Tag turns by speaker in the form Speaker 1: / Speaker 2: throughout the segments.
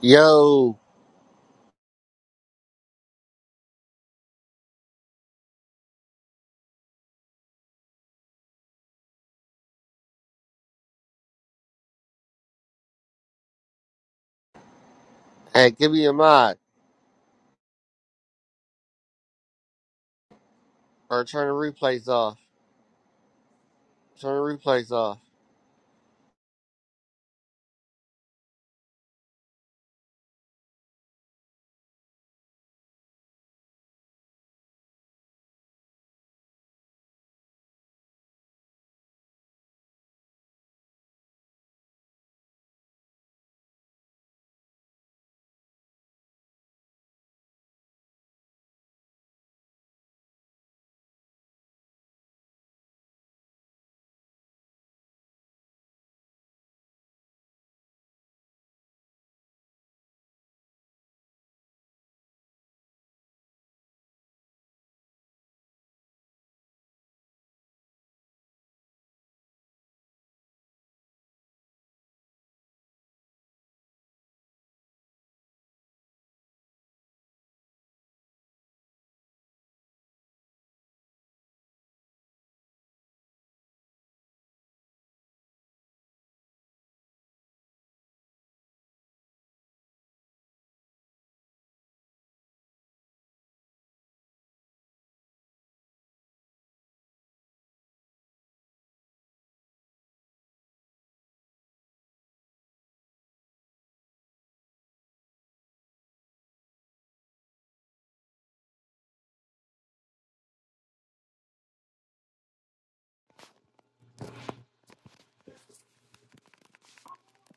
Speaker 1: Yo, hey, give me a mod or turn the replays off. Turn the replays off.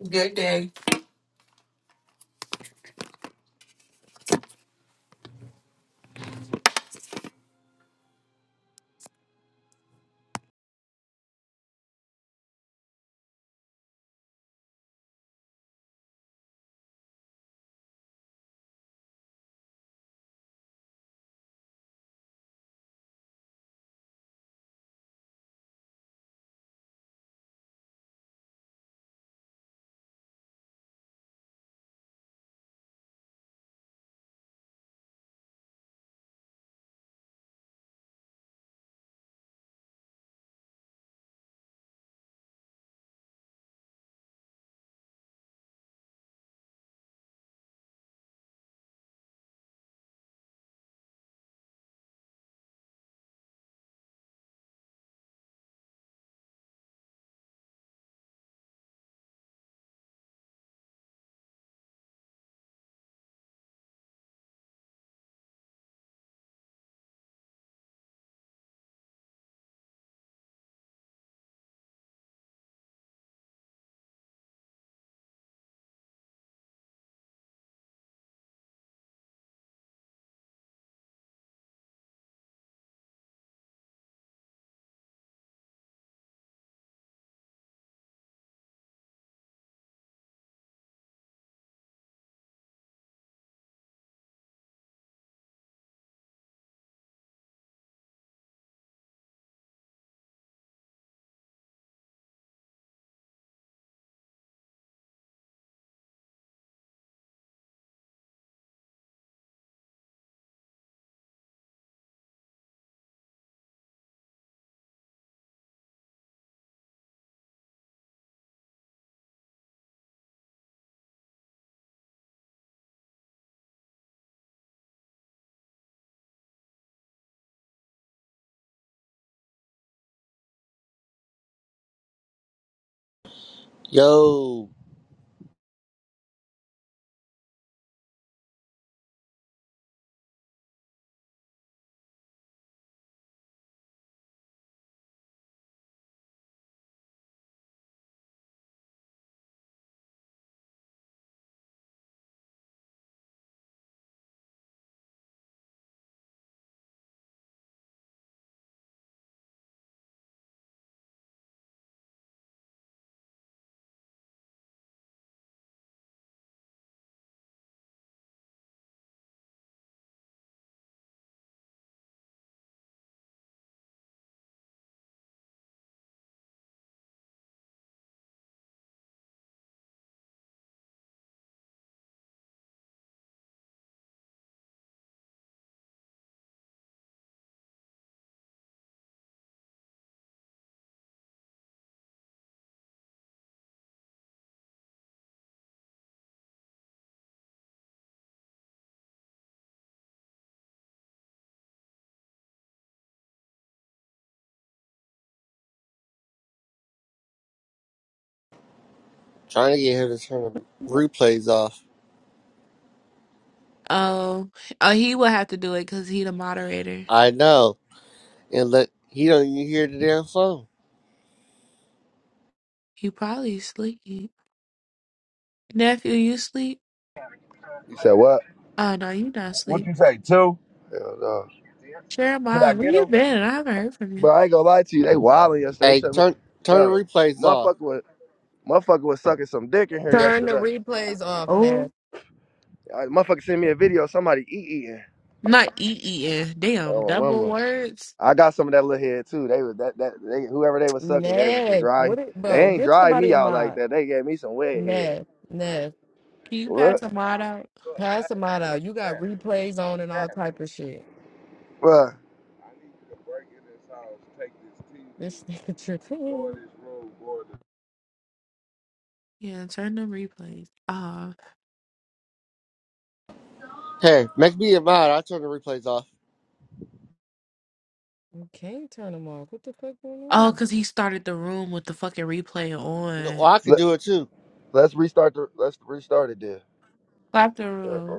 Speaker 2: Good day.
Speaker 1: Yo, trying to get him to turn the replays off.
Speaker 3: Oh, oh, he will have to do it because he the moderator.
Speaker 1: I know, and let he don't even hear the damn phone.
Speaker 3: He probably sleep. Nephew, you sleep?
Speaker 4: You said what?
Speaker 3: Oh no, you not sleep.
Speaker 4: Hell no.
Speaker 3: Jeremiah, where you been? I haven't heard from you.
Speaker 4: Bro, I ain't gonna lie to you. They wilding yesterday. They
Speaker 1: Hey,
Speaker 4: shut me.
Speaker 1: turn turn the
Speaker 4: Bro,
Speaker 1: replays off.
Speaker 4: motherfucker was motherfucker was sucking some dick in here
Speaker 5: Turn the
Speaker 4: yesterday.
Speaker 5: replays off,
Speaker 3: Oh,
Speaker 5: Nev.
Speaker 4: I, motherfucker sent me a video. of Somebody eat eating.
Speaker 3: not E-E-N. Damn,
Speaker 4: Oh, my
Speaker 3: double
Speaker 4: mama.
Speaker 3: words.
Speaker 4: I got some of that little head too. They was that that they, whoever they was sucking gave them some
Speaker 5: Nev,
Speaker 4: dry.
Speaker 5: what it,
Speaker 4: They
Speaker 5: bro?
Speaker 4: ain't
Speaker 5: Give
Speaker 4: dry
Speaker 5: somebody
Speaker 4: me
Speaker 5: a
Speaker 4: out like
Speaker 5: mod.
Speaker 4: that. They gave me some wet head.
Speaker 5: Nev, Nev,
Speaker 3: Can you
Speaker 4: What,
Speaker 3: pass a mod out?
Speaker 5: pass a mod out. You got replays on and all type of shit.
Speaker 4: bro?
Speaker 5: This nigga tripping.
Speaker 3: Yeah, turn the replays. off.
Speaker 1: Hey, make me a mod. I'll turn the replays off.
Speaker 5: You can't turn them off. What the fuck going on?
Speaker 3: oh, cause he started the room with the fucking replay
Speaker 1: No,
Speaker 3: on.
Speaker 1: well, I could
Speaker 4: Let,
Speaker 1: do it too.
Speaker 4: let's restart the. Let's restart it there.
Speaker 3: Clap the room.